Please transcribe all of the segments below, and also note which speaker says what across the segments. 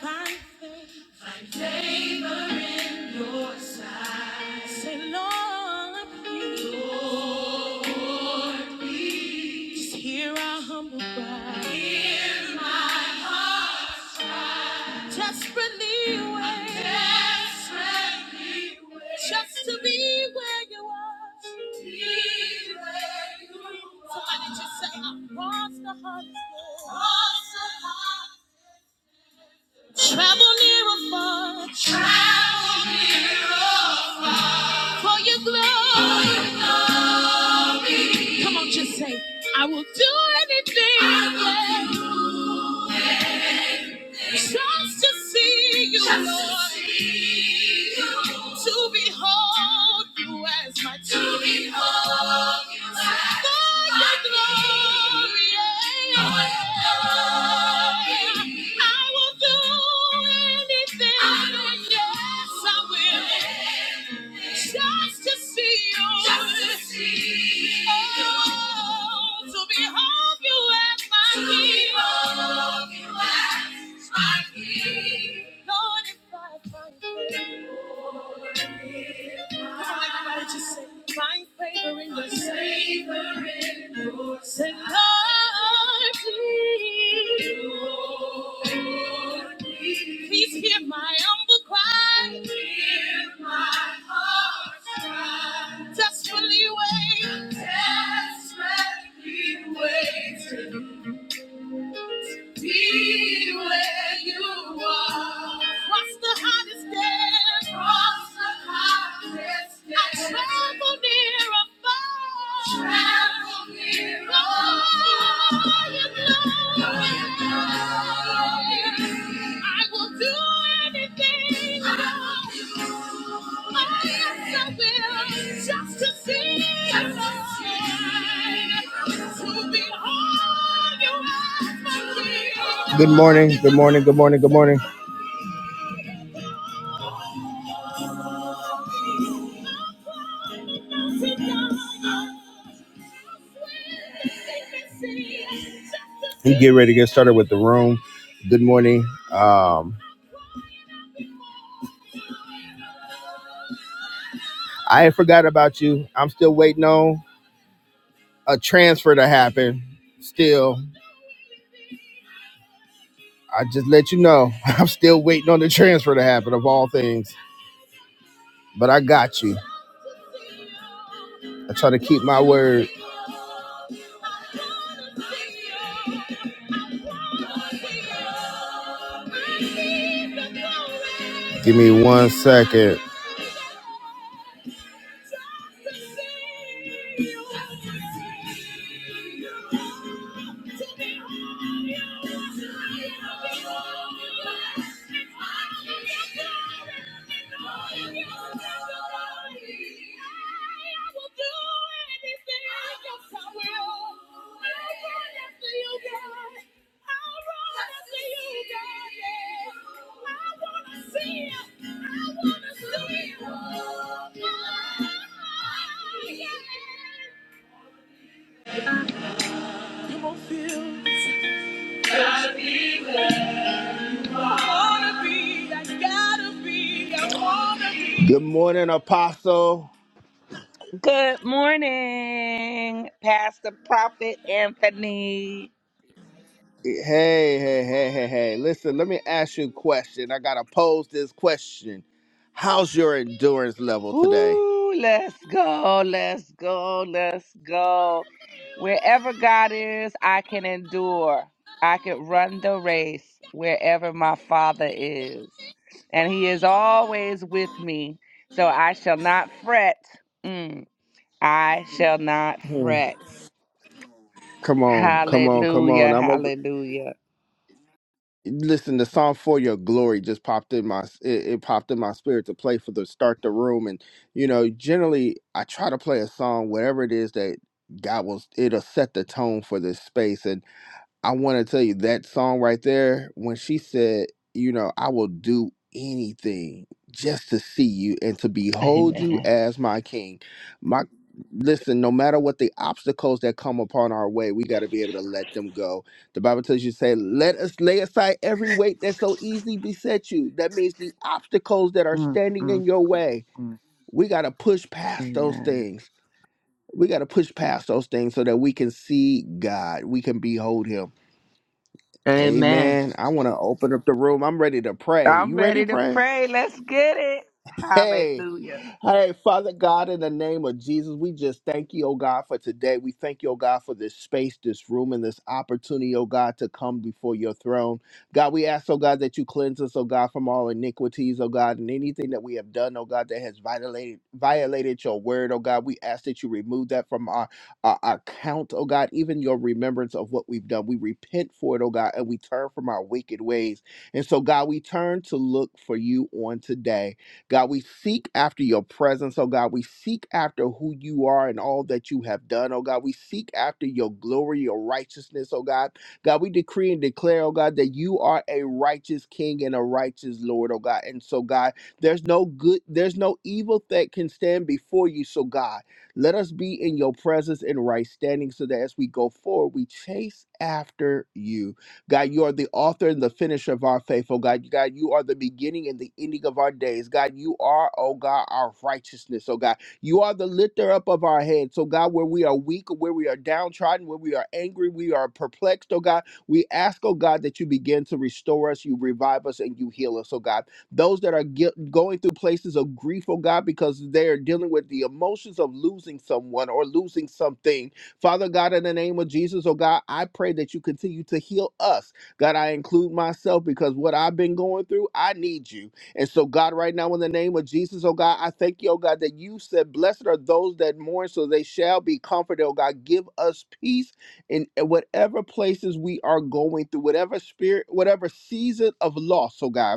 Speaker 1: I say, Lord, please hear our humble cry. Desperately wait. Desperately wait. Just to be where you are. Be where you are. Somebody just say, I cross the hardest door. Travel near or far. Travel near or far. For your glory. For your glory. Come on, just say, I will do anything. I will do anything. Just to see you, Just to Lord. see you. To behold you as my To King. behold you as For my your glory. King. For your glory. I will do anything. I will do yes, I will. anything. Just to see you. Just to see you. Oh, to behold you as my To King. behold love you as my king. Lord, if I find favor, Lord, if I Come on, everybody, just say, find favor in your sight. Favor in your sight. Then Lord, please, Lord, please please hear my humble cry. Hear my heart's cry. Desperately wait. Desperately wait. Be where you are. Cross the hottest day. Cross the hottest day. I travel near and far. Travel near and Oh, you know. Oh, you know. I will do anything. Oh, yes, I will. Just to see you, Lord. To behold you as my king. Good morning, good morning, good morning, good morning. And get ready to get started with the room. Good morning. Um, I ain't forgot about you. I'm still waiting on. a transfer to happen. Still, I just let you know, I'm still waiting on the transfer to happen of all things. But I got you. I try to keep my word. Give me one second. Good morning, Apostle.
Speaker 2: Good morning, Pastor Prophet Anthony.
Speaker 1: Hey, hey, hey, hey, hey. Listen, let me ask you a question. I got to pose this question. How's your endurance level today?
Speaker 2: Woo, let's go, let's go, let's go. Wherever God is, I can endure. I can run the race wherever my Father is. And He is always with me. So I shall not fret. Mm, I shall not fret.
Speaker 1: Come on, come on, come on.
Speaker 2: Hallelujah,
Speaker 1: I'm over.
Speaker 2: hallelujah.
Speaker 1: Listen, the song for your glory just popped in my it, it popped in my spirit to play for the start the room and you know, generally I try to play a song whatever it is that God will it'll set the tone for this space and. I want to tell you that song right there, when she said, you know, I will do anything just to see you and to behold you
Speaker 2: Amen.
Speaker 1: as my king. My listen, no matter what the obstacles that come upon our way, we got to be able to let them go. The Bible tells you say, let us lay aside every weight that so easily beset you. That means the obstacles that are
Speaker 2: Mm,
Speaker 1: standing
Speaker 2: mm,
Speaker 1: in your way.
Speaker 2: mm.
Speaker 1: We got to push past those
Speaker 2: Amen.
Speaker 1: things. We got to push past those things so that we can see God. We can behold him
Speaker 2: Amen.
Speaker 1: Amen. I want to open up the room. I'm ready to pray.
Speaker 2: I'm
Speaker 1: You ready to
Speaker 2: ready to
Speaker 1: pray?
Speaker 2: pray. Let's get it.
Speaker 1: Hey,
Speaker 2: Hallelujah.
Speaker 1: all right, Father God, in the name of Jesus, we just thank you, oh God, for today. We thank you, oh God, for this space, this room, and this opportunity, oh God, to come before your throne. God, we ask, oh God, that you cleanse us, oh God, from all iniquities, oh God, and anything that we have done, oh God, that has violated violated your word, oh God. We ask that you remove that from our, our, our count, oh God, even your remembrance of what we've done. We repent for it, oh God, and we turn from our wicked ways. And so, God, we turn to look for you on today. God, we seek after your presence, oh God. We seek after who you are and all that you have done, oh God. We seek after your glory, your righteousness, oh God. God, we decree and declare, oh God, that you are a righteous king and a righteous Lord, oh God. And so, God, there's no good, there's no evil that can stand before you. So, God, let us be in your presence in right standing so that as we go forward, we chase after you. God, you are the author and the finisher of our faith, oh God. God, you are the beginning and the ending of our days. God, you are, oh God, our righteousness, oh God. You are the lifter up of our heads. So, God, where we are weak, where we are downtrodden, where we are angry, we are perplexed, oh God. We ask, oh God, that you begin to restore us, you revive us, and you heal us, oh God. Those that are gui- going through places of grief, oh God, because they are dealing with the emotions of losing someone or losing something Father God, in the name of Jesus, oh God, I pray that you continue to heal us. God, I include myself because what I've been going through, I need you. And so, God, right now, in the name of Jesus, oh God, I thank you, oh God, that you said, Blessed are those that mourn, so they shall be comforted, oh God. Give us peace in whatever places we are going through, whatever spirit, whatever season of loss, oh God.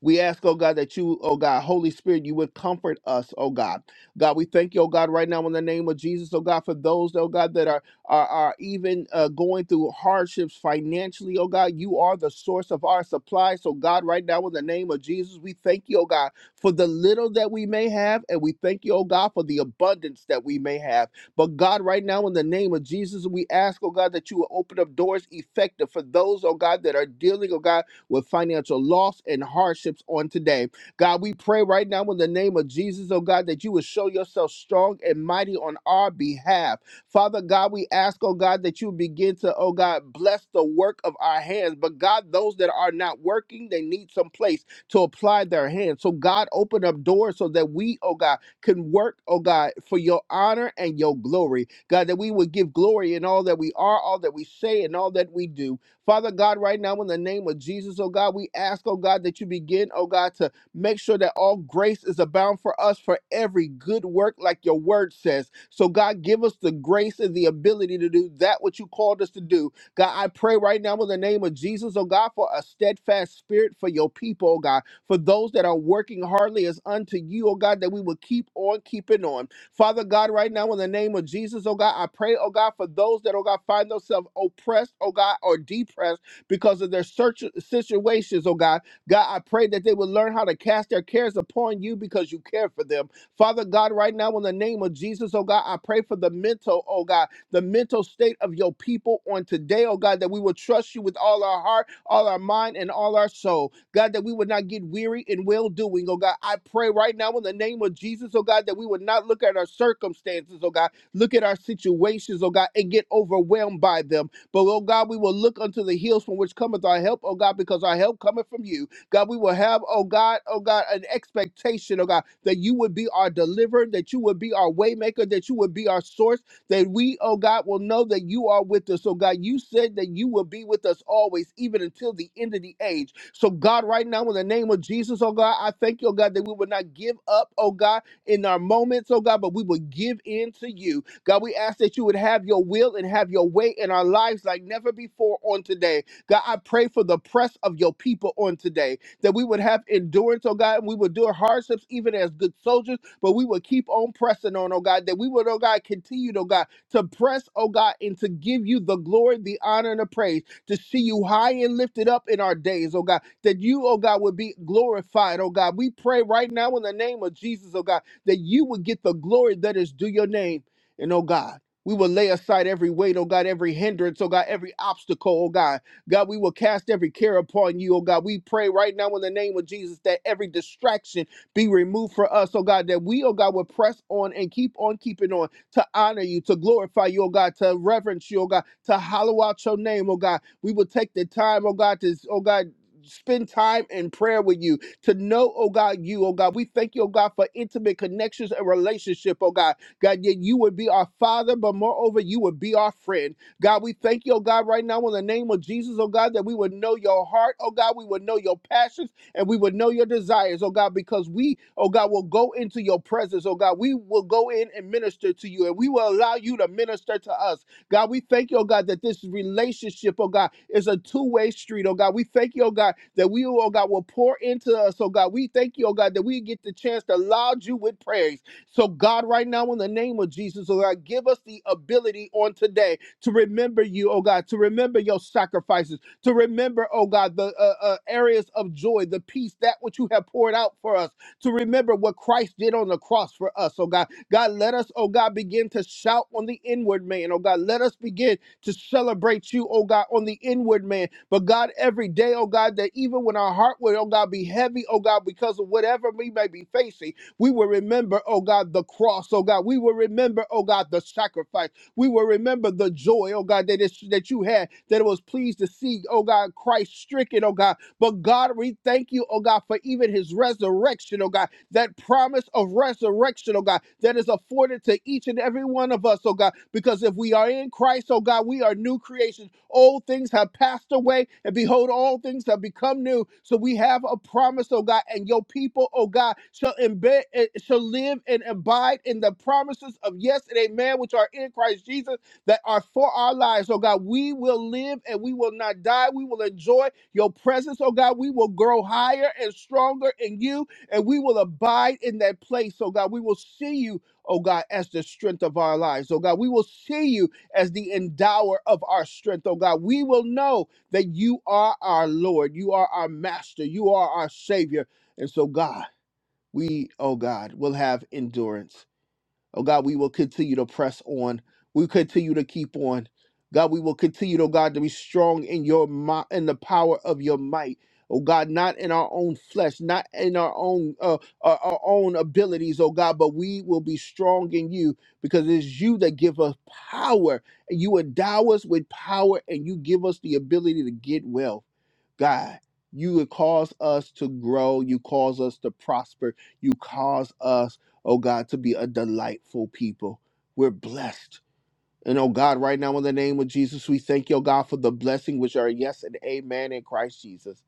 Speaker 1: We ask, oh God, that you, oh God, Holy Spirit, you would comfort us, oh God. God, we thank you, oh God, right now in the name of Jesus, oh God, for those, oh God, that are are, are even uh, going through hardships financially, oh God. You are the source of our supply. So, God, right now in the name of Jesus, we thank you, oh God, for the little that we may have, and we thank you, oh God, for the abundance that we may have. But God, right now in the name of Jesus, we ask, oh God, that you will open up doors effective for those, oh God, that are dealing, oh God with financial loss and hardships on today. God, we pray right now in the name of Jesus, oh God, that you would show yourself strong and mighty on our behalf. Father God, we ask, oh God, that you begin to, oh God, bless the work of our hands. But God, those that are not working, they need some place to apply their hands. So God, open up doors so that we, oh God, can work, oh God, for your honor and your glory. God, that we would give glory in all that we are, all that we say, and all that we do. Father God, right now, in the name of Jesus, oh God, we ask, oh God, that you begin, oh God, to make sure that all grace is abound for us for every good work, like your word says. So, God, give us the grace and the ability to do that which you called us to do. God, I pray right now in the name of Jesus, oh God, for a steadfast spirit for your people, oh God, for those that are working hardly as unto you, oh God, that we will keep on keeping on. Father God, right now, in the name of Jesus, oh God, I pray, oh God, for those that, oh God, find themselves oppressed, oh God, or depressed because of their search situations, oh God. God, I pray that they will learn how to cast their cares upon you because you care for them. Father God, right now, in the name of Jesus, oh God, I pray for the mental, oh God, the mental state of your people on today, oh God, that we will trust you with all our heart, all our mind, and all our soul. God, that we would not get weary in well doing, oh God. I pray right now in the name of Jesus, oh God, that we would not look at our circumstances, oh God, look at our situations, oh God, and get overwhelmed by them. But, oh God, we will look unto the hills from which cometh our help, oh God, because our help cometh from you. God, we will have, oh God, oh God, an expectation, oh God, that you would be our deliverer, that you would be our waymaker, that you would be our source, that we, oh God, will know that you are with us. Oh God, you said that you will be with us always, even until the end of the age. So, God, right now, in the name of Jesus, oh God, I thank you, oh God, that we will not give up, oh God, in our moments, oh God, but we will give in to you. God, we ask that you would have your will and have your way in our lives like never before on today. God, I pray for the press of your people on today, that we would have endurance, oh God, and we would endure hardships even as good soldiers, but we would keep on pressing on, oh God, that we would, oh God, continue, oh God, to press, oh God, and to give you the glory, the honor, and the praise to see you high and lifted up in our days, oh God, that you, oh God, would be glorified, oh God. We pray right now in the name of Jesus, oh God, that you would get the glory that is due your name. And oh God, we will lay aside every weight, oh God, every hindrance, oh God, every obstacle, oh God. God, we will cast every care upon you, oh God. We pray right now in the name of Jesus that every distraction be removed for us, oh God, that we, oh God, will press on and keep on keeping on to honor you, to glorify you, oh God, to reverence you, oh God, to hollow out your name, oh God. We will take the time, oh God, to, oh God, spend time in prayer with you to know oh god you oh god we thank you oh god for intimate connections and relationship oh god god yet you would be our father but moreover you would be our friend god we thank you oh god right now in the name of jesus oh god that we would know your heart oh god we would know your passions and we would know your desires, oh God, because we, oh God, will go into your presence, oh God. We will go in and minister to you, and we will allow you to minister to us. God, we thank you, oh God, that this relationship, oh God, is a two-way street, oh God. We thank you, oh God, that we, oh God, will pour into us, oh God. We thank you, oh God, that we get the chance to laud you with praise. So, God, right now, in the name of Jesus, oh God, give us the ability on today to remember you, oh God, to remember your sacrifices, to remember, oh God, the uh, uh, areas of joy, the peace, that which you have poured out for us to remember what Christ did on the cross for us, oh God. God, let us, oh God, begin to shout on the inward man, oh God. Let us begin to celebrate you, oh God, on the inward man. But God, every day, oh God, that even when our heart will, oh God, be heavy, oh God, because of whatever we may be facing, we will remember, oh God, the cross, oh God. We will remember, oh God, the sacrifice. We will remember the joy, oh God, that, is, that you had, that it was pleased to see, oh God, Christ stricken, oh God but God, we thank you, oh God, for even his resurrection, oh God, that promise of resurrection, oh God, that is afforded to each and every one of us, oh God, because if we are in Christ, oh God, we are new creations. Old things have passed away, and behold, all things have become new. So we have a promise, oh God, and your people, oh God, shall embed, eh, shall live and abide in the promises of yes and amen, which are in Christ Jesus that are for our lives, oh God. We will live and we will not die. We will enjoy your presence, oh God. We will grow higher and stronger in you, and we will abide in that place, oh God. We will see you, oh God, as the strength of our lives, oh God. We will see you as the endower of our strength, oh God. We will know that you are our Lord, you are our master, you are our Savior. And so, God, we, oh God, will have endurance. Oh God, we will continue to press on. We continue to keep on. God, we will continue, oh God, to be strong in your might in the power of your might. Oh God, not in our own flesh, not in our own uh, our, our own abilities, oh God, but we will be strong in you because it's you that give us power. And you endow us with power and you give us the ability to get well. God. You cause us to grow. You cause us to prosper. You cause us, oh God, to be a delightful people. We're blessed. And oh God, right now in the name of Jesus, we thank you, oh God, for the blessing which are yes and amen in Christ Jesus.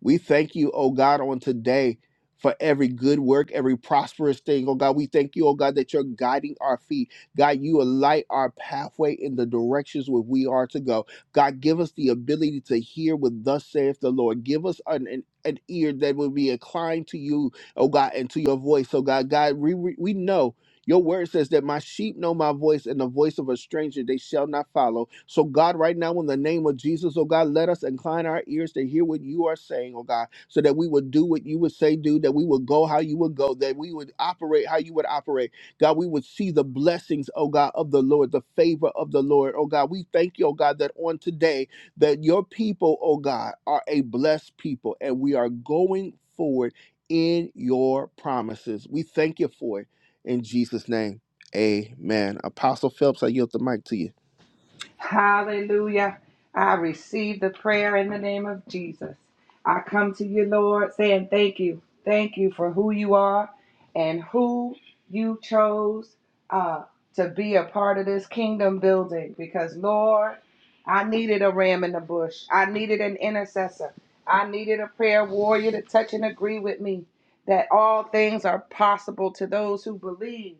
Speaker 1: We thank you, oh God, on today for every good work, every prosperous thing. Oh God, we thank you, oh God, that you're guiding our feet. God, you alight our pathway in the directions where we are to go. God, give us the ability to hear what thus saith the Lord. Give us an, an, an ear that will be inclined to you, oh God, and to your voice. So God, God, we, we we know. Your word says that my sheep know my voice, and the voice of a stranger they shall not follow. So, God, right now, in the name of Jesus, oh God, let us incline our ears to hear what you are saying, oh God, so that we would do what you would say, do, that we would go how you would go, that we would operate how you would operate. God, we would see the blessings, oh God, of the Lord, the favor of the Lord, oh God. We thank you, oh God, that on today, that your people, oh God, are a blessed people, and we are going forward in your promises. We thank you for it. In Jesus' name, amen. Apostle Phelps, I yield the mic to you.
Speaker 2: Hallelujah. I receive the prayer in the name of Jesus. I come to you, Lord, saying thank you. Thank you for who you are and who you chose uh, to be a part of this kingdom building. Because, Lord, I needed a ram in the bush, I needed an intercessor, I needed a prayer warrior to touch and agree with me that all things are possible to those who believe.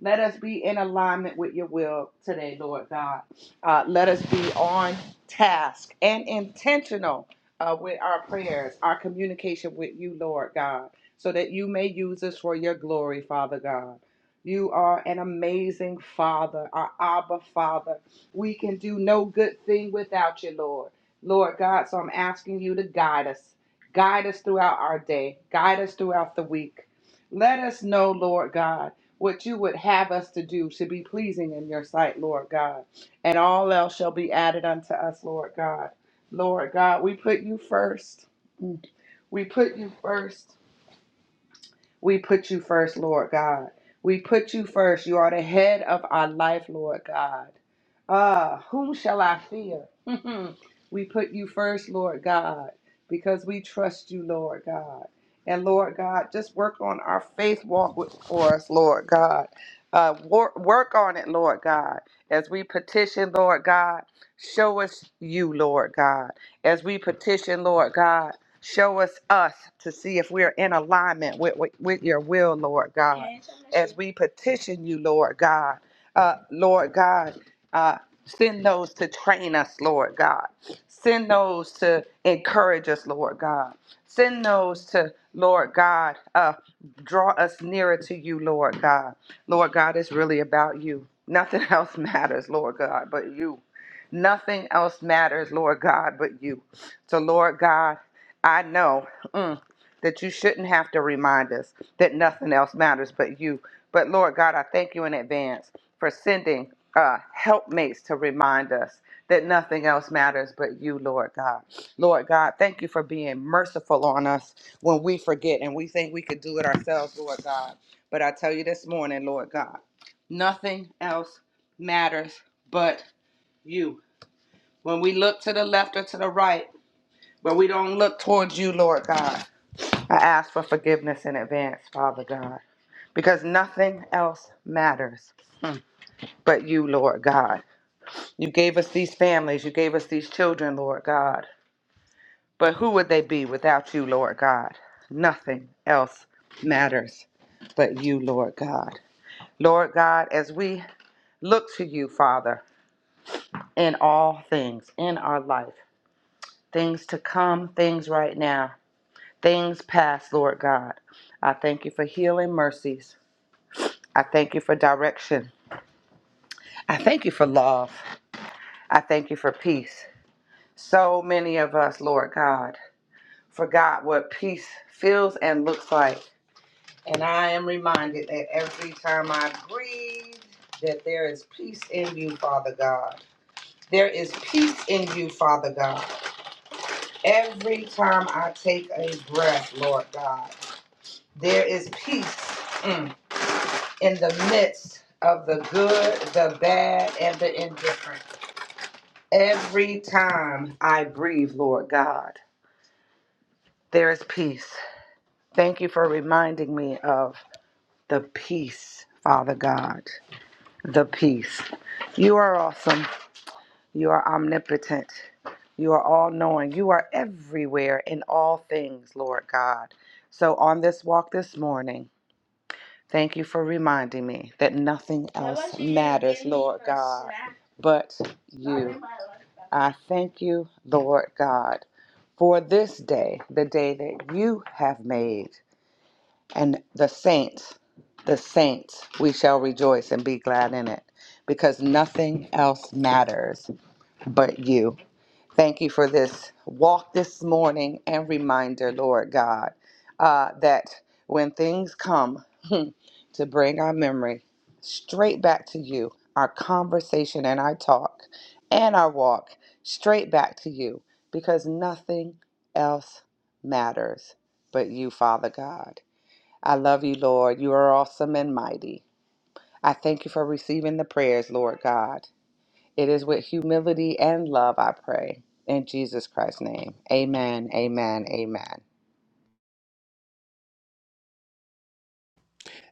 Speaker 2: Let us be in alignment with your will today, Lord God. Uh, let us be on task and intentional uh, with our prayers, our communication with you, Lord God, so that you may use us for your glory, Father God. You are an amazing Father, our Abba Father. We can do no good thing without you, Lord. Lord God, so I'm asking you to guide us. Guide us throughout our day. Guide us throughout the week. Let us know, Lord God, what you would have us to do to be pleasing in your sight, Lord God and all else shall be added unto us, Lord God. Lord God, we put you first. We put you first. We put you first, Lord God. We put you first. You are the head of our life, Lord God. Ah, whom shall I fear? we put you first, Lord God, because we trust you, Lord God. And Lord God, just work on our faith walk with, for us, Lord God. Uh, work, work on it, Lord God, as we petition, Lord God. Show us you, Lord God, as we petition, Lord God. Show us us to see if we're in alignment with, with, with your will, Lord God. As we petition you, Lord God, uh, Lord God, uh, send those to train us, Lord God. Send those to encourage us, Lord God. Send those to, Lord God, uh, draw us nearer to you, Lord God. Lord God, it's really about you. Nothing else matters, Lord God, but you. Nothing else matters, Lord God, but you. So, Lord God, I know mm, that you shouldn't have to remind us that nothing else matters but you. But Lord God, I thank you in advance for sending uh, helpmates to remind us that nothing else matters but you, Lord God. Lord God, thank you for being merciful on us when we forget and we think we could do it ourselves, Lord God. But I tell you this morning, Lord God, nothing else matters but you. When we look to the left or to the right, but we don't look towards you, Lord God. I ask for forgiveness in advance, Father God, because nothing else matters but you, Lord God. You gave us these families, you gave us these children, Lord God. But who would they be without you, Lord God? Nothing else matters but you, Lord God. Lord God, as we look to you, Father, in all things, in our life, things to come, things right now, things past, Lord God, I thank you for healing mercies. I thank you for direction. I thank you for love. I thank you for peace. So many of us, Lord God, forgot what peace feels and looks like. And I am reminded that every time I breathe, that there is peace in you, Father God. There is peace in you, Father God. Every time I take a breath, Lord God, there is peace mm, in the midst of the good, the bad, and the indifferent. Every time I breathe, Lord God, there is peace. Thank you for reminding me of the peace, Father God. The peace. You are awesome. You are omnipotent. You are all knowing. You are everywhere in all things, Lord God. So on this walk this morning, Thank you for reminding me that nothing else matters, Lord God, but you. I thank you, Lord God, for this day, the day that you have made, and the saints, the saints, we shall rejoice and be glad in it because nothing else matters but you. Thank you for this walk this morning and reminder, Lord God, uh, that when things come to bring our memory straight back to you, our conversation and our talk and our walk straight back to you, because nothing else matters but you, Father God. I love you, Lord. You are awesome and mighty. I thank you for receiving the prayers, Lord God. It is with humility and love I pray. In Jesus Christ's name. Amen. Amen. Amen.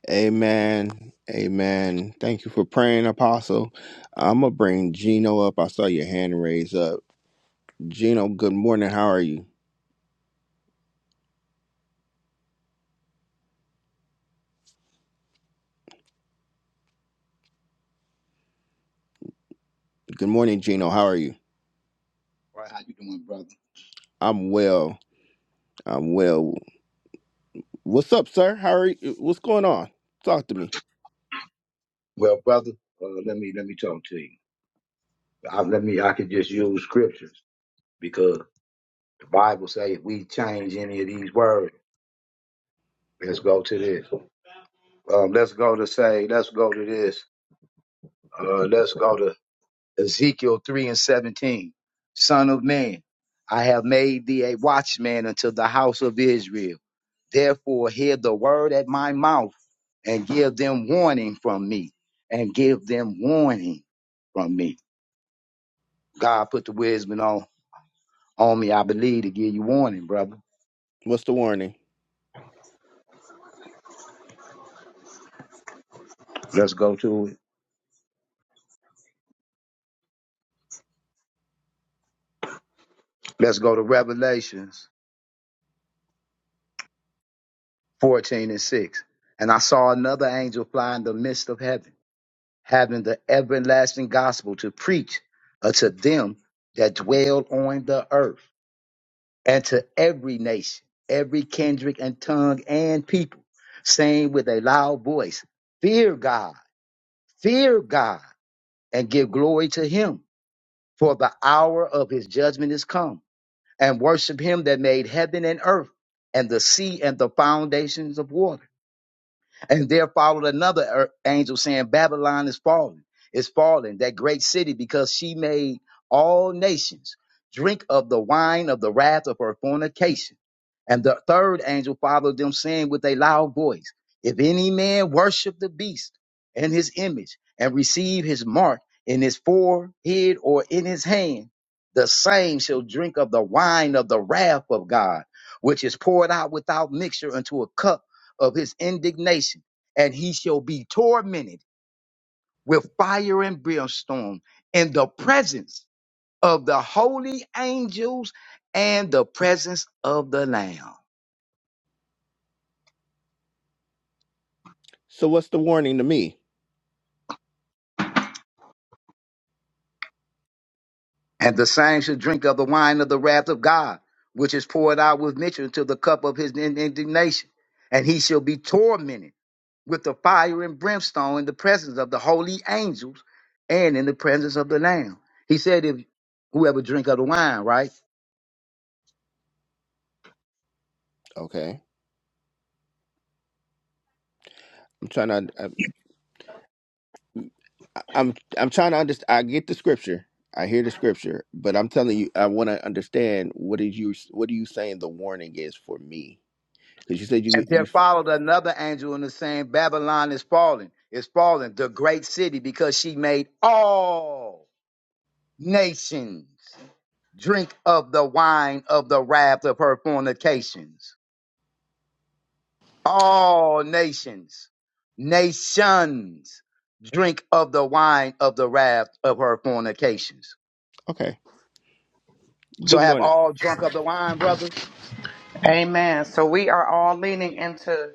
Speaker 1: Amen. Amen. Thank you for praying, Apostle. I'm going to bring Gino up. I saw your hand raised up. Gino, good morning. How are you? Good morning, Gino. How are you?
Speaker 3: All right, how you doing, brother?
Speaker 1: I'm well. I'm well. What's up, sir? How are you? What's going on? Talk to me.
Speaker 3: Well, brother, uh, let me let me talk to you. I, let me I could just use scriptures because the Bible say if we change any of these words, let's go to this. Um, let's go to say, let's go to this. Uh, let's go to Ezekiel three and seventeen. Son of man, I have made thee a watchman unto the house of Israel. Therefore, hear the word at my mouth and give them warning from me, and give them warning from me God put the wisdom on on me, I believe, to give you warning, brother.
Speaker 1: What's the warning?
Speaker 3: Let's go to it. Let's go to Revelations 14 and 6. And I saw another angel fly in the midst of heaven, having the everlasting gospel to preach unto them that dwell on the earth, and to every nation, every kindred and tongue and people, saying with a loud voice, Fear God, fear God, and give glory to him, for the hour of his judgment is come and worship him that made heaven and earth and the sea and the foundations of water. And there followed another er- angel saying, Babylon is fallen, is fallen, that great city, because she made all nations drink of the wine of the wrath of her fornication. And the third angel followed them, saying with a loud voice, If any man worship the beast and his image and receive his mark in his forehead or in his hand, the same shall drink of the wine of the wrath of God, which is poured out without mixture into a cup of his indignation, and he shall be tormented with fire and brimstone in the presence of the holy angels and the presence of the Lamb.
Speaker 1: So, what's the warning to me?
Speaker 3: And the same shall drink of the wine of the wrath of God, which is poured out with measure into the cup of his in- indignation. And he shall be tormented with the fire and brimstone in the presence of the holy angels and in the presence of the Lamb. He said, if whoever drink of the wine, right?
Speaker 1: Okay, I'm trying to. I, I'm I'm trying to understand. I get the scripture. I hear the scripture, but I'm telling you, I want to understand what is you what are you saying the warning is for me? Because you said you
Speaker 3: And there
Speaker 1: you.
Speaker 3: followed another angel in the saying, Babylon is fallen, is fallen, the great city, because she made all nations drink of the wine of the wrath of her fornications. All nations, nations drink of the wine of the wrath of her fornications.
Speaker 1: Okay.
Speaker 3: So
Speaker 1: Good
Speaker 3: have
Speaker 1: morning.
Speaker 3: all drunk of the wine, brother?
Speaker 2: Amen. So we are all leaning into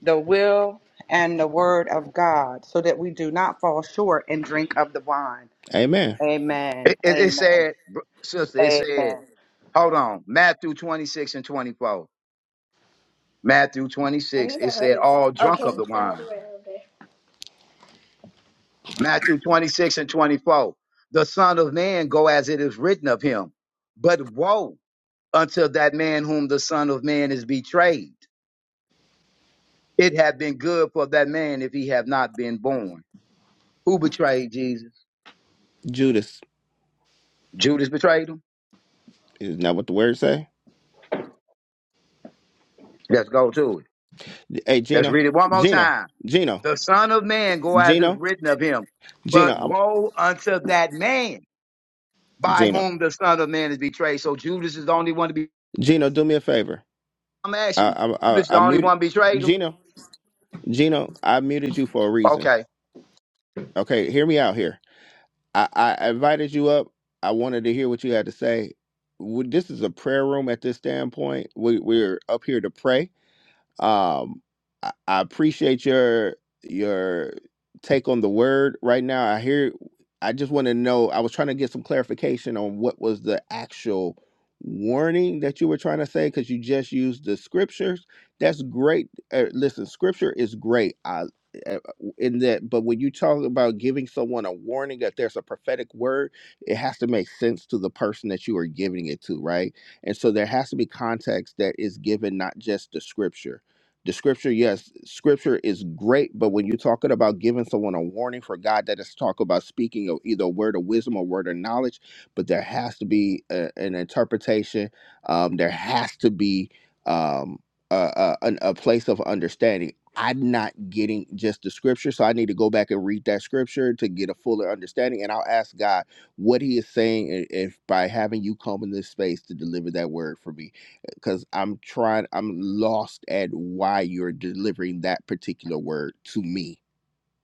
Speaker 2: the will and the word of God so that we do not fall short and drink of the wine.
Speaker 1: Amen.
Speaker 2: Amen.
Speaker 3: It, it, it
Speaker 2: Amen.
Speaker 3: said, br- sister, it said,
Speaker 2: Amen.
Speaker 3: hold on, Matthew 26 and 24. Matthew
Speaker 2: I
Speaker 3: 26,
Speaker 2: need a
Speaker 3: it said,
Speaker 2: hoodie.
Speaker 3: all
Speaker 2: Oh, can
Speaker 3: drunk of
Speaker 2: you
Speaker 3: the
Speaker 2: still have
Speaker 3: wine.
Speaker 2: right over?
Speaker 3: Matthew 26 and 24, the Son of Man go as it is written of him. But woe unto that man whom the Son of Man is betrayed. It had been good for that man if he had not been born. Who betrayed Jesus?
Speaker 1: Judas
Speaker 3: Judas betrayed him.
Speaker 1: is not what the word say.
Speaker 3: Let's go to it.
Speaker 1: Hey,
Speaker 3: Let's
Speaker 1: Gino,
Speaker 3: read it one more
Speaker 1: Gino,
Speaker 3: time.
Speaker 1: Gino,
Speaker 3: The Son of Man go as is
Speaker 1: Gino,
Speaker 3: written of him.
Speaker 1: Gino,
Speaker 3: But
Speaker 1: I'm,
Speaker 3: woe unto that man by
Speaker 1: Gino,
Speaker 3: whom the Son of Man is betrayed. So Judas is the only one to be
Speaker 1: Gino. Do me a favor.
Speaker 3: I'm
Speaker 1: I
Speaker 3: asking you,
Speaker 1: I
Speaker 3: this
Speaker 1: I,
Speaker 3: is the
Speaker 1: I
Speaker 3: only
Speaker 1: mute.
Speaker 3: one betrayed him?
Speaker 1: Gino, Gino, I muted you for a reason.
Speaker 3: Okay.
Speaker 1: Okay, hear me out here. I, I invited you up. I wanted to hear what you had to say. We, this is a prayer room at this standpoint. We, we're up here to pray. Um, I, I appreciate your your take on the word right now. I hear. I just want to know. I was trying to get some clarification on what was the actual warning that you were trying to say because you just used the scriptures. That's great. Uh, listen, scripture is great. I uh, in that, but when you talk about giving someone a warning that there's a prophetic word, it has to make sense to the person that you are giving it to, right? And so there has to be context that is given, not just the scripture. The scripture, yes, scripture is great, but when you're talking about giving someone a warning for God, that is talk about speaking of either a word of wisdom or word of knowledge, but there has to be a- an interpretation. Um, there has to be um, a, a, an- a place of understanding. I'm not getting just the scripture, so I need to go back and read that scripture to get a fuller understanding. And I'll ask God what He is saying, and if by having you come in this space to deliver that word for me because I'm trying, I'm lost at why you're delivering that particular word to me.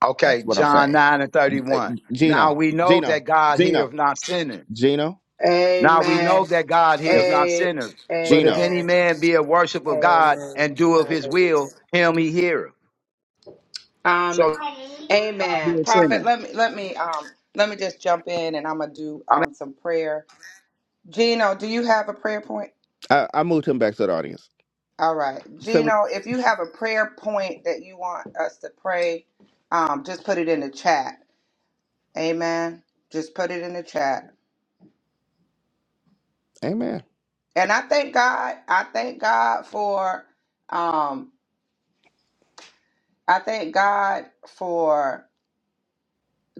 Speaker 3: Okay.
Speaker 1: That's what I'm
Speaker 3: John
Speaker 1: saying.
Speaker 3: 9 and
Speaker 1: Uh,
Speaker 3: 31. Now
Speaker 1: Gino,
Speaker 3: we know
Speaker 1: Gino,
Speaker 3: that God
Speaker 1: Gino,
Speaker 3: heareth not sinners.
Speaker 1: Gino,
Speaker 2: there.
Speaker 3: Now we
Speaker 2: Amen.
Speaker 3: know that God heareth not
Speaker 2: A-
Speaker 3: sinners. But if
Speaker 1: Gino.
Speaker 3: any
Speaker 2: amen.
Speaker 3: man be a worshiper of God
Speaker 2: Amen.
Speaker 3: and doeth his will,
Speaker 2: Hallelujah.
Speaker 3: him he heareth.
Speaker 2: Um.
Speaker 3: So God
Speaker 2: Amen.
Speaker 3: be a
Speaker 2: Prophet,
Speaker 3: sinner.
Speaker 2: let me let me um let me just jump in and I'm gonna do um some prayer. Gino, do you have a prayer point?
Speaker 1: I, I moved him back to the audience.
Speaker 2: All right.
Speaker 1: Say what?
Speaker 2: Gino, if you have a prayer point that you want us to pray, um just put it in the chat. Amen. Just put it in the chat.
Speaker 1: Amen.
Speaker 2: And I thank God, I thank God for um I thank God for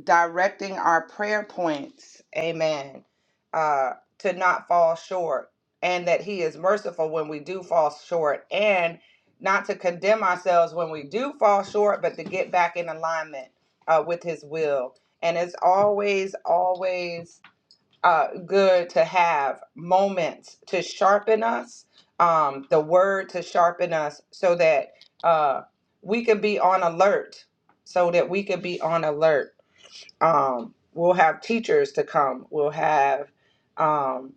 Speaker 2: directing our prayer points, amen, uh, to not fall short, and that He is merciful when we do fall short, and not to condemn ourselves when we do fall short, but to get back in alignment uh, with His will. And it's always, always uh, good to have moments to sharpen us, um, the word to sharpen us, so that uh, we can be on alert, so that we can be on alert um, we'll have teachers to come we'll have um,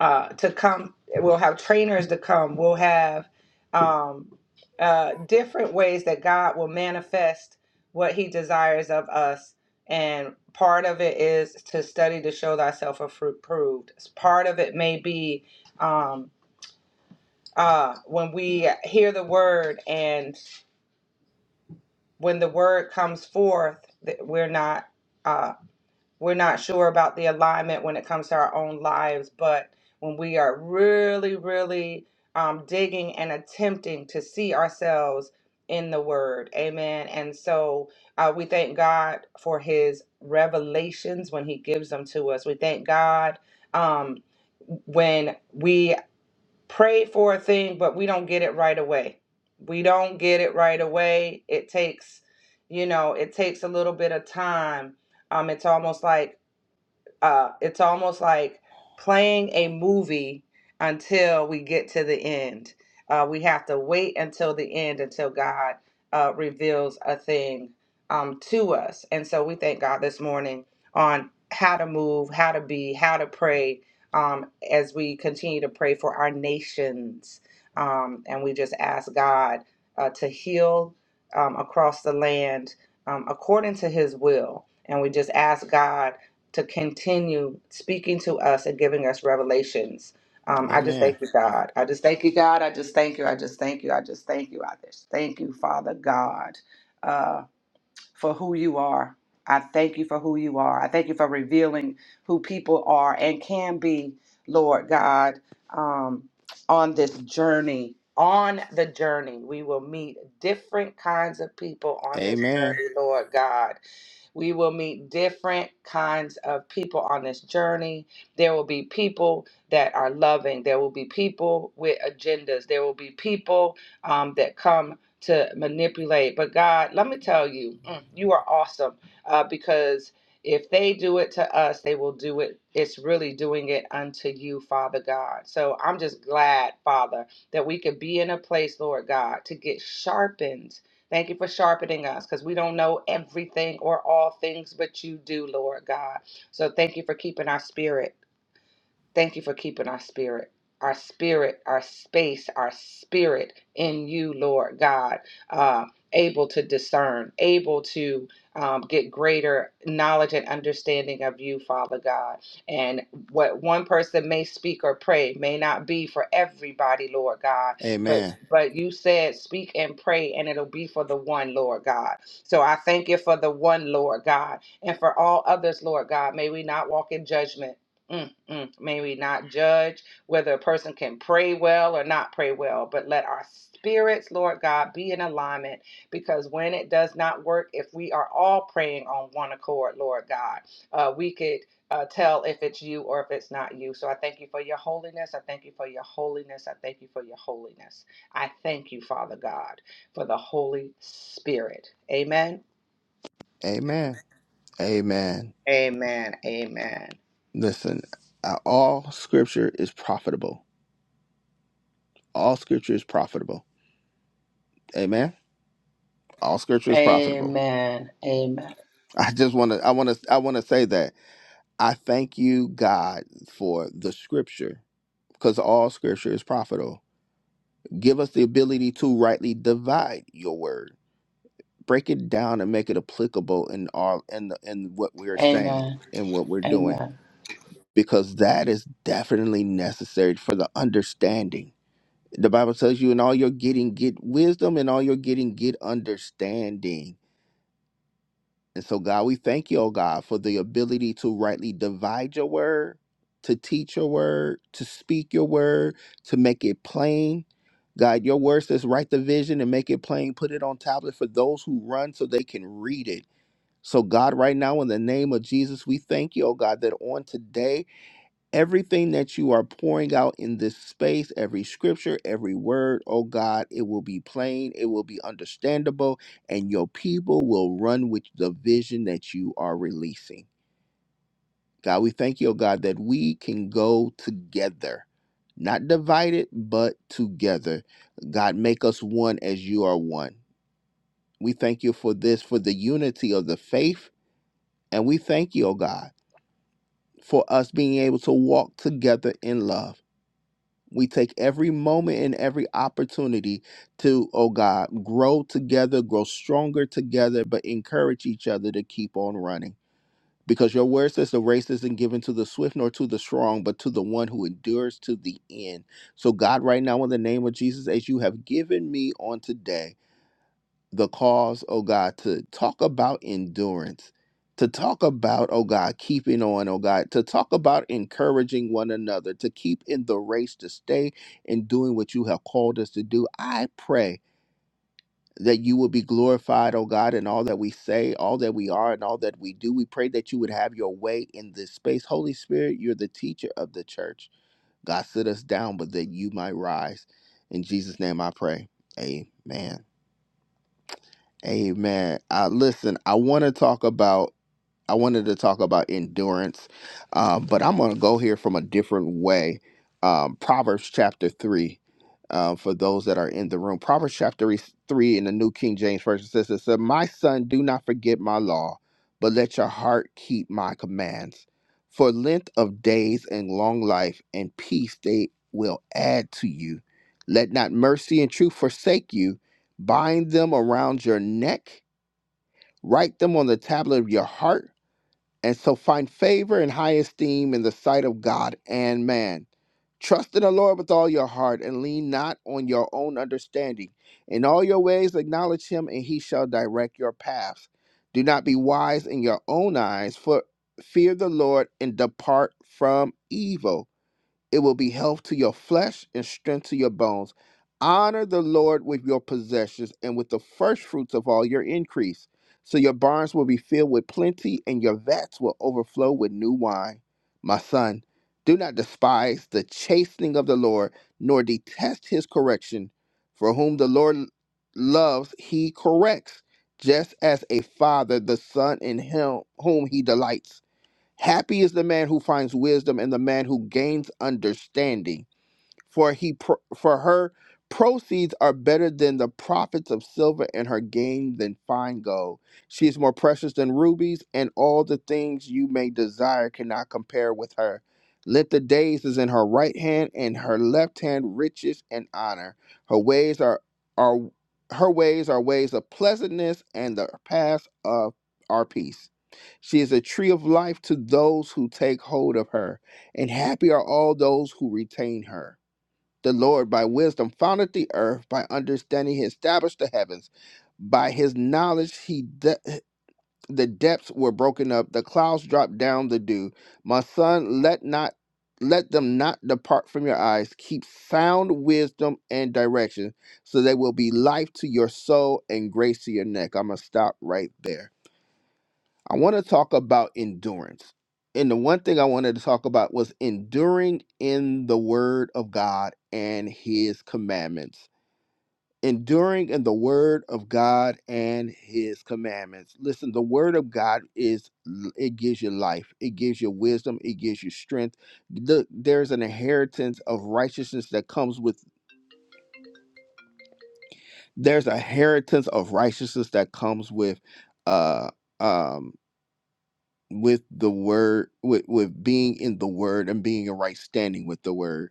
Speaker 2: uh, to come we'll have trainers to come we'll have um, uh, different ways that god will manifest what he desires of us and part of it is to study to show thyself approved part of it may be um, uh, when we hear the word and when the word comes forth that we're not Uh, We're not sure about the alignment when it comes to our own lives, but when we are really, really um, digging and attempting to see ourselves in the Word, amen. And so uh, we thank God for His revelations when He gives them to us. We thank God um, when we pray for a thing but we don't get it right away we don't get it right away it takes you know it takes a little bit of time um it's almost like uh, it's almost like playing a movie until we get to the end. Uh, we have to wait until the end until God uh, reveals a thing um, to us. And so we thank God this morning on how to move, how to be, how to pray um, as we continue to pray for our nations. Um, and we just ask God uh, to heal um, across the land um, according to his will. And we just ask God to continue speaking to us and giving us revelations. Um, I just
Speaker 1: Amen.
Speaker 2: thank you, God. I just thank you, God. I just thank you. I just thank you. I just thank you. I just thank you, Father God, uh, for who you are. I thank you for who you are. I thank you for revealing who people are and can be, Lord God, um, on this journey. On the journey, we will meet different kinds of people on this
Speaker 1: Amen.
Speaker 2: journey, Lord God. We will meet different kinds of people on this journey. There will be people that are loving, there will be people with agendas, there will be people um, that come to manipulate. But God, let me tell you, mm, you are awesome uh, because. If they do it to us, they will do it. It's really doing it unto you, Father God. So I'm just glad, Father, that we could be in a place, Lord God, to get sharpened Thank you for sharpening us because we don't know everything or all things, but you do, Lord God. So thank you for keeping our spirit. Thank you for keeping our spirit, our spirit, our space, our spirit in you, Lord God, uh, able to discern, able to um, get greater knowledge and understanding of you, Father God. And what one person may speak or pray may not be for everybody, Lord God. But
Speaker 1: Amen.
Speaker 2: but you said speak and pray, and it'll be for the one, Lord God. So I thank you for the one, Lord God, and for all others, Lord God. May we not walk in judgment. Mm. Mm, may we not judge whether a person can pray well or not pray well, but let our spirits, Lord God, be in alignment because when it does not work, if we are all praying on one accord, Lord God, uh, we could uh, tell if it's you or if it's not you. So I thank you for your holiness. I thank you for your holiness. I thank you for your holiness. I thank you, Father God, for the Holy Spirit. Amen.
Speaker 1: Amen. Amen.
Speaker 2: Amen. Amen.
Speaker 1: Listen, uh, all scripture is profitable. All scripture is profitable. Amen. All scripture is profitable.
Speaker 2: Amen. Amen.
Speaker 1: I just want to, I want to, I want to say that I thank you, God, for the scripture because all scripture is profitable. Give us the ability to rightly divide your word, break it down and make it applicable in all in the, in what we're saying
Speaker 2: Amen.
Speaker 1: and what we're doing
Speaker 2: Amen.
Speaker 1: because that is definitely necessary for the understanding. The Bible tells you in all your getting get wisdom and all your getting get understanding And so, God, we thank you, oh God, for the ability to rightly divide your word, to teach your word, to speak your word, to make it plain. God, your word says, write the vision and make it plain. Put it on tablet for those who run so they can read it. So, God, right now, in the name of Jesus, we thank you, oh God, that on today, everything that you are pouring out in this space, every scripture, every word, oh God, it will be plain, it will be understandable, and your people will run with the vision that you are releasing. God, we thank you, oh God, that we can go together, not divided, but together. God, make us one as you are one. We thank you for this, for the unity of the faith, and we thank you, oh God, for us being able to walk together in love. We take every moment and every opportunity to, oh God, grow together, grow stronger together, but encourage each other to keep on running. Because your word says the race isn't given to the swift nor to the strong, but to the one who endures to the end. So, God, right now, in the name of Jesus, as you have given me on today, the cause, oh God, to talk about endurance, to talk about, oh God, keeping on, oh God, to talk about encouraging one another, to keep in the race, to stay in doing what you have called us to do. I pray that you will be glorified, oh God, in all that we say, all that we are, and all that we do. We pray that you would have your way in this space. Holy Spirit, you're the teacher of the church. God, sit us down, but that you might rise. In Jesus' name I pray. Amen. Amen. Uh, listen, I want to talk about. I wanted to talk about endurance, um, but I'm going to go here from a different way. Um, Proverbs chapter 3, uh, for those that are in the room. Proverbs chapter 3 three in the New King James Version says, it said, My son, do not forget my law, but let your heart keep my commands. For length of days and long life and peace they will add to you. Let not mercy and truth forsake you. Bind them around your neck, write them on the tablet of your heart and so find favor and high esteem in the sight of God and man. Trust in the Lord with all your heart and lean not on your own understanding. In all your ways acknowledge him, and he shall direct your paths. Do not be wise in your own eyes, for fear the Lord and depart from evil. It will be health to your flesh and strength to your bones. Honor the Lord with your possessions and with the first fruits of all your increase. So your barns will be filled with plenty and your vats will overflow with new wine. My son, do not despise the chastening of the Lord, nor detest his correction. For whom the Lord loves, he corrects, just as a father the son in him whom he delights. Happy is the man who finds wisdom and the man who gains understanding, for he pro- for her proceeds are better than the profits of silver and her gain than fine gold. She is more precious than rubies, and all the things you may desire cannot compare with her. Let the days is in her right hand and her left hand riches and honor. Her ways are are her ways are ways of pleasantness and the paths of our peace. She is a tree of life to those who take hold of her, and happy are all those who retain her. The Lord, by wisdom, founded the earth, by understanding, he established the heavens. By his knowledge, he de- the depths were broken up, the clouds dropped down the dew. My son, let not let them not depart from your eyes. Keep sound wisdom and direction, so they will be life to your soul and grace to your neck. I'm gonna stop right there. I want to talk about endurance. And the one thing I wanted to talk about was enduring in the word of God and his commandments. Enduring in the word of God and his commandments. Listen, the word of God is it gives you life, it gives you wisdom, it gives you strength. The- there's an inheritance of righteousness that comes with there's a inheritance of righteousness that comes with uh um, with the word with with being in the word and being in right standing with the word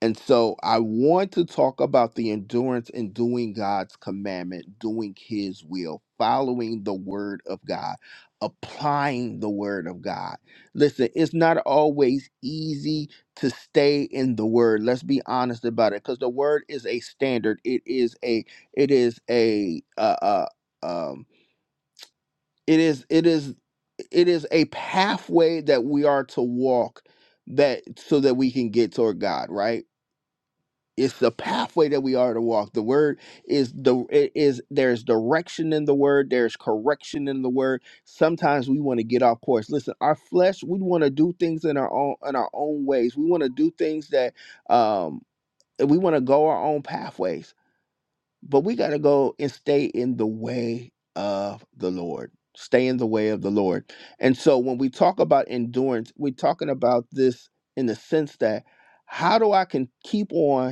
Speaker 1: and so i want to talk about the endurance in doing god's commandment doing his will following the word of god applying the word of god listen it's not always easy to stay in the word let's be honest about it because the word is a standard it is a it is a uh, uh um it is it is it is a pathway that we are to walk that so that we can get toward god right it's the pathway that we are to walk the word is the it is there's direction in the word there's correction in the word sometimes we want to get off course listen our flesh we want to do things in our own in our own ways we want to do things that um we want to go our own pathways but we got to go and stay in the way of the Lord. Stay in the way of the Lord. And so when we talk about endurance, we're talking about this in the sense that how do I can keep on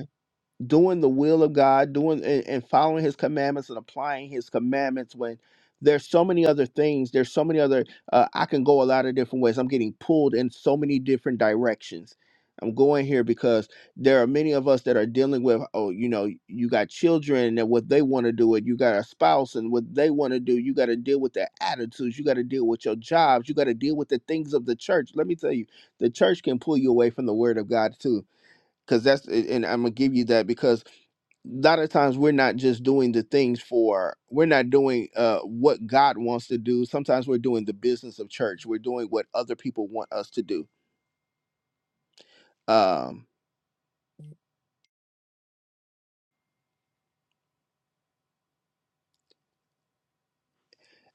Speaker 1: doing the will of God, doing and, and following His commandments and applying His commandments when there's so many other things. There's so many other. Uh, I can go a lot of different ways. I'm getting pulled in so many different directions. I'm going here because there are many of us that are dealing with. Oh, you know, you got children and what they want to do, and you got a spouse and what they want to do. You got to deal with their attitudes. You got to deal with your jobs. You got to deal with the things of the church. Let me tell you, the church can pull you away from the Word of God too because that's and I'm gonna give you that because lot of times we're not just doing the things for we're not doing uh what god wants to do sometimes we're doing the business of church we're doing what other people want us to do um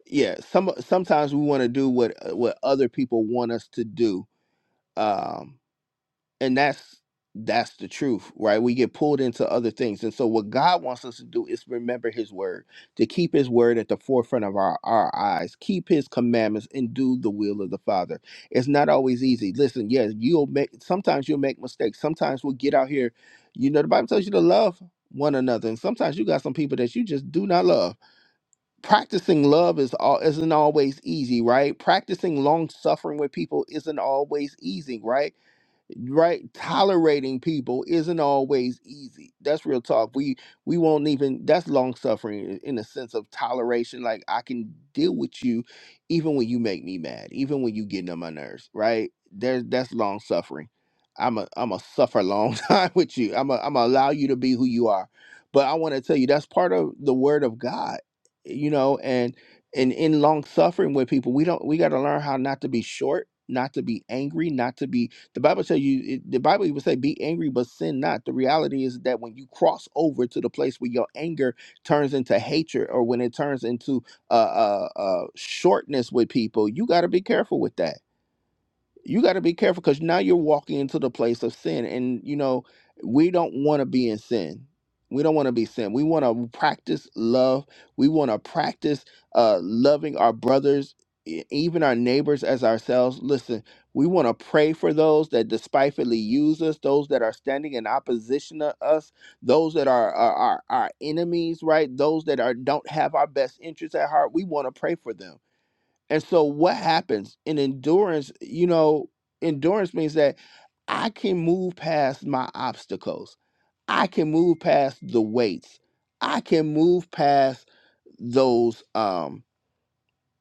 Speaker 1: yeah some sometimes we want to do what uh, what other people want us to do Um. and that's that's the truth right we get pulled into other things and so what god wants us to do is remember his word to keep his word at the forefront of our, our eyes keep his commandments and do the will of the father it's not always easy listen yes you'll make sometimes you'll make mistakes sometimes we'll get out here you know the bible tells you to love one another and sometimes you got some people that you just do not love practicing love is all isn't always easy right practicing long suffering with people isn't always easy right right tolerating people isn't always easy that's real talk we we won't even that's long suffering in in a sense of toleration like i can deal with you even when you make me mad even when you getting on my nerves right there's that's long suffering i'm a i'm a suffer a long time with you i'm a i'm a allow you to be who you are but i want to tell you that's part of the word of god you know and and in long suffering with people we don't we got to learn how not to be short not to be angry not to be the Bible tell you, it- the Bible even say, be angry, but sin not. The reality is that when you cross over to the place where your anger turns into hatred or when it turns into uh, uh, uh, shortness with people, you got to be careful with that you got to be careful because now you're walking into the place of sin and you know we don't want to be in sin we don't want to be sin we want to practice love we want to practice uh, loving our brothers e- even our neighbors as ourselves listen we want to pray for those that despitefully use us those that are standing in opposition to us those that are are, our enemies right those that are don't have our best interests at heart we want to pray for them and so what happens in endurance, you know, endurance means that I can move past my obstacles. I can move past the weights. I can move past those um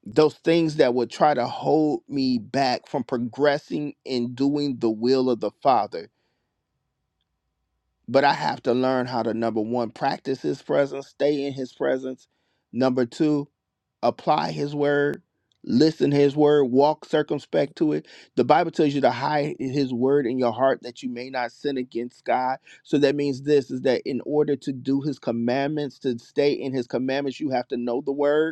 Speaker 1: those things that would try to hold me back from progressing in doing the will of the Father but I have to learn how to number one, practice his presence, stay in his presence. Number two, apply his word, listen to his word, walk circumspect to it. The Bible tells you to hide his word in your heart that you may not sin against God. So that means this is that in order to do his commandments, to stay in his commandments, you have to know the word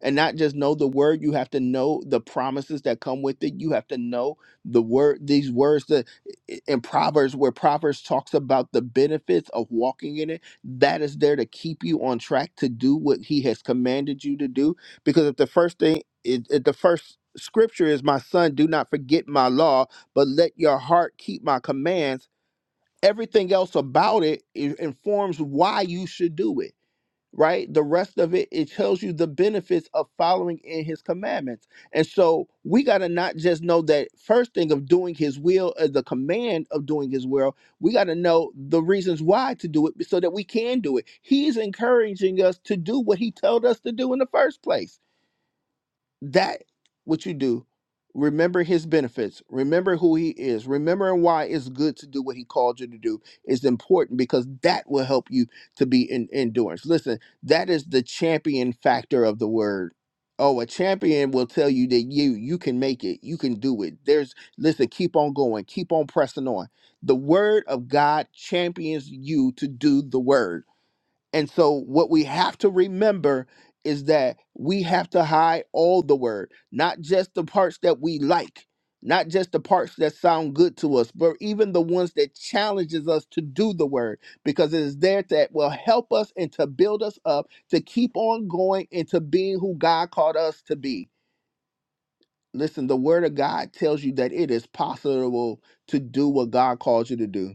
Speaker 1: and not just know the word you have to know the promises that come with it you have to know the word these words that i- in proverbs where proverbs talks about the benefits of walking in it that is there to keep you on track to do what he has commanded you to do because if the first thing if if the first scripture is my son do not forget my law but let your heart keep my commands everything else about it, it informs why you should do it right? The rest of it, it tells you the benefits of following in his commandments. And so we got to not just know that first thing of doing his will, uh, the command of doing his will, we got to know the reasons why to do it so that we can do it. He's encouraging us to do what he told us to do in the first place that what you do remember his benefits remember who he is remember why it's good to do what he called you to do is important because that will help you to be in endurance listen that is the champion factor of the word oh a champion will tell you that you you can make it you can do it there's listen keep on going keep on pressing on the word of god champions you to do the word and so, what we have to remember is that we have to hide all the word, not just the parts that we like, not just the parts that sound good to us, but even the ones that challenges us to do the word, because it is there that will help us and to build us up to keep on going into being who God called us to be. Listen, the word of God tells you that it is possible to do what God calls you to do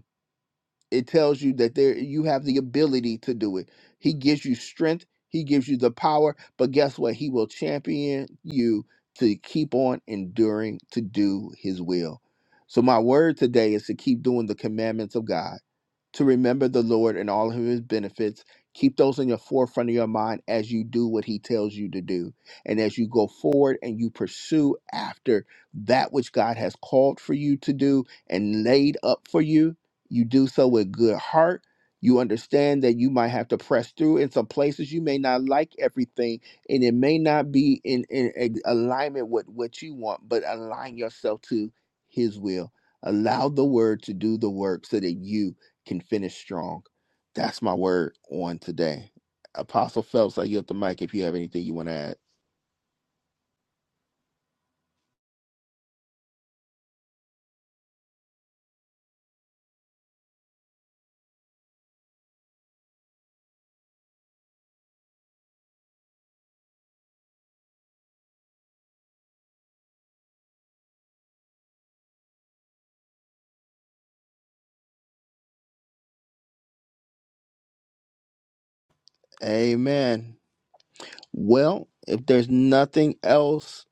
Speaker 1: it tells you that there you have the ability to do it he gives you strength he gives you the power but guess what he will champion you to keep on enduring to do his will so my word today is to keep doing the commandments of god to remember the Lord and all of his benefits. Keep those in your forefront of your mind as you do what he tells you to do. And as you go forward and you pursue after that which God has called for you to do and laid up for you, you do so with good heart. You understand that you might have to press through in some places. You may not like everything, and it may not be in, in a- alignment with what you want, but align yourself to his will. Allow the word to do the work so that you can finish strong. That's my word on today. Apostle Phelps, I yield the mic if you have anything you want to add. Amen. Well, if there's nothing else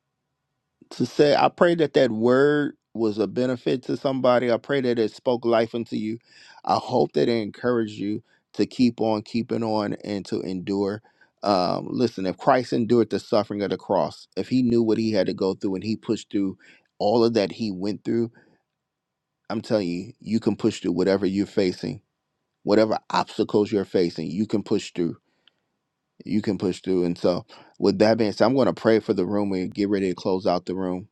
Speaker 1: to say, I pray that that word was a benefit to somebody. I pray that it spoke life into you. I hope that it encouraged you to keep on keeping on and to endure. Um, listen, if Christ endured the suffering of the cross, if he knew what he had to go through and he pushed through all of that he went through, I'm telling you, you can push through whatever you're facing, whatever obstacles you're facing, you can push through. You can push through. And so, with that being said, I'm going to pray for the room and get ready to close out the room.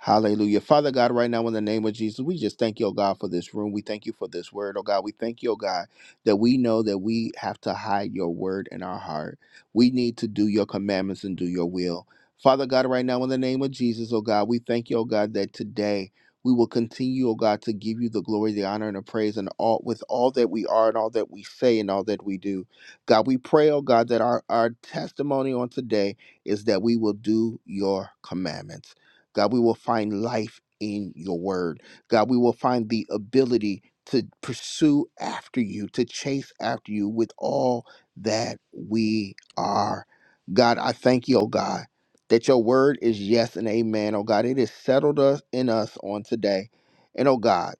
Speaker 1: Hallelujah. Father God, right now in the name of Jesus, we just thank you, oh God, for this room. We thank you for this word, oh God. We thank you, oh God, that we know that we have to hide your word in our heart. We need to do your commandments and do your will. Father God, right now in the name of Jesus, oh God, we thank you, oh God, that today we will continue, oh God, to give you the glory, the honor, and the praise, and all with all that we are and all that we say and all that we do. God, we pray, oh God, that our, our testimony on today is that we will do your commandments. God, we will find life in your word. God, we will find the ability to pursue after you, to chase after you with all that we are. God, I thank you, oh God, that your word is yes and amen, oh God. It is settled us in us on today. And oh God,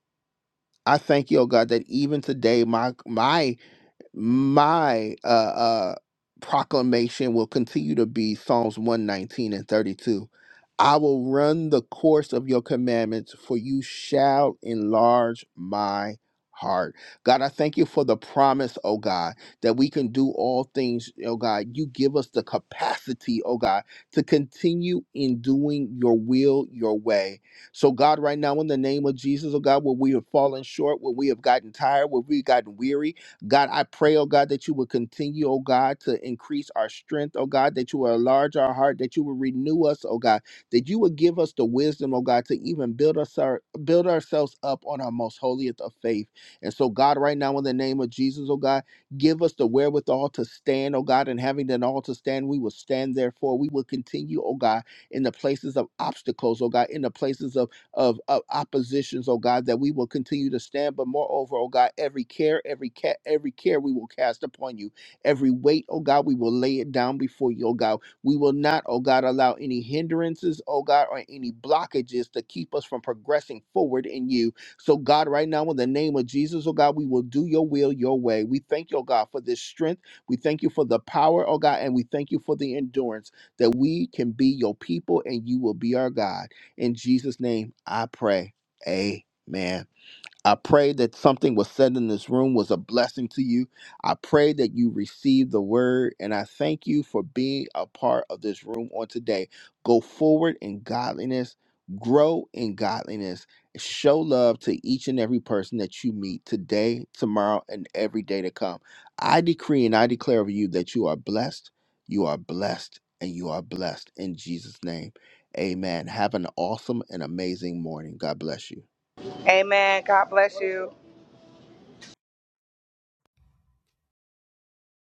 Speaker 1: I thank you, oh God, that even today my my my uh, uh, proclamation will continue to be Psalms 119 and 32. I will run the course of your commandments, for you shall enlarge my heart. God, I thank you for the promise, oh God, that we can do all things, oh God. You give us the capacity, oh God, to continue in doing your will, your way. So, God, right now, in the name of Jesus, oh God, where we have fallen short, where we have gotten tired, where we've gotten weary, God, I pray, oh God, that you would continue, oh God, to increase our strength, oh God, that you would enlarge our heart, that you would renew us, oh God, that you would give us the wisdom, oh God, to even build us our, build ourselves up on our most holiest of faith. And so, God, right now in the name of Jesus, oh God, give us the wherewithal to stand, oh God, and having done all to stand, we will stand therefore. We will continue, oh God, in the places of obstacles, oh God, in the places of of, of oppositions, oh God, that we will continue to stand. But moreover, oh God, every care, every care, every care we will cast upon you. Every weight, oh God, we will lay it down before you, oh God. We will not, oh God, allow any hindrances, oh God, or any blockages to keep us from progressing forward in you. So, God, right now, in the name of Jesus, oh God, we will do your will your way. We thank you, oh God, for this strength. We thank you for the power, oh God, and we thank you for the endurance that we can be your people and you will be our God. In Jesus' name, I pray. Amen. I pray that something was said in this room was a blessing to you. I pray that you received the word, and I thank you for being a part of this room on today. Go forward in godliness, grow in godliness, show love to each and every person that you meet today, tomorrow, and every day to come. I decree and I declare over you that you are blessed, you are blessed, and you are blessed in Jesus' name. Amen. Have an awesome and amazing morning. God bless you.
Speaker 2: Amen. God bless you.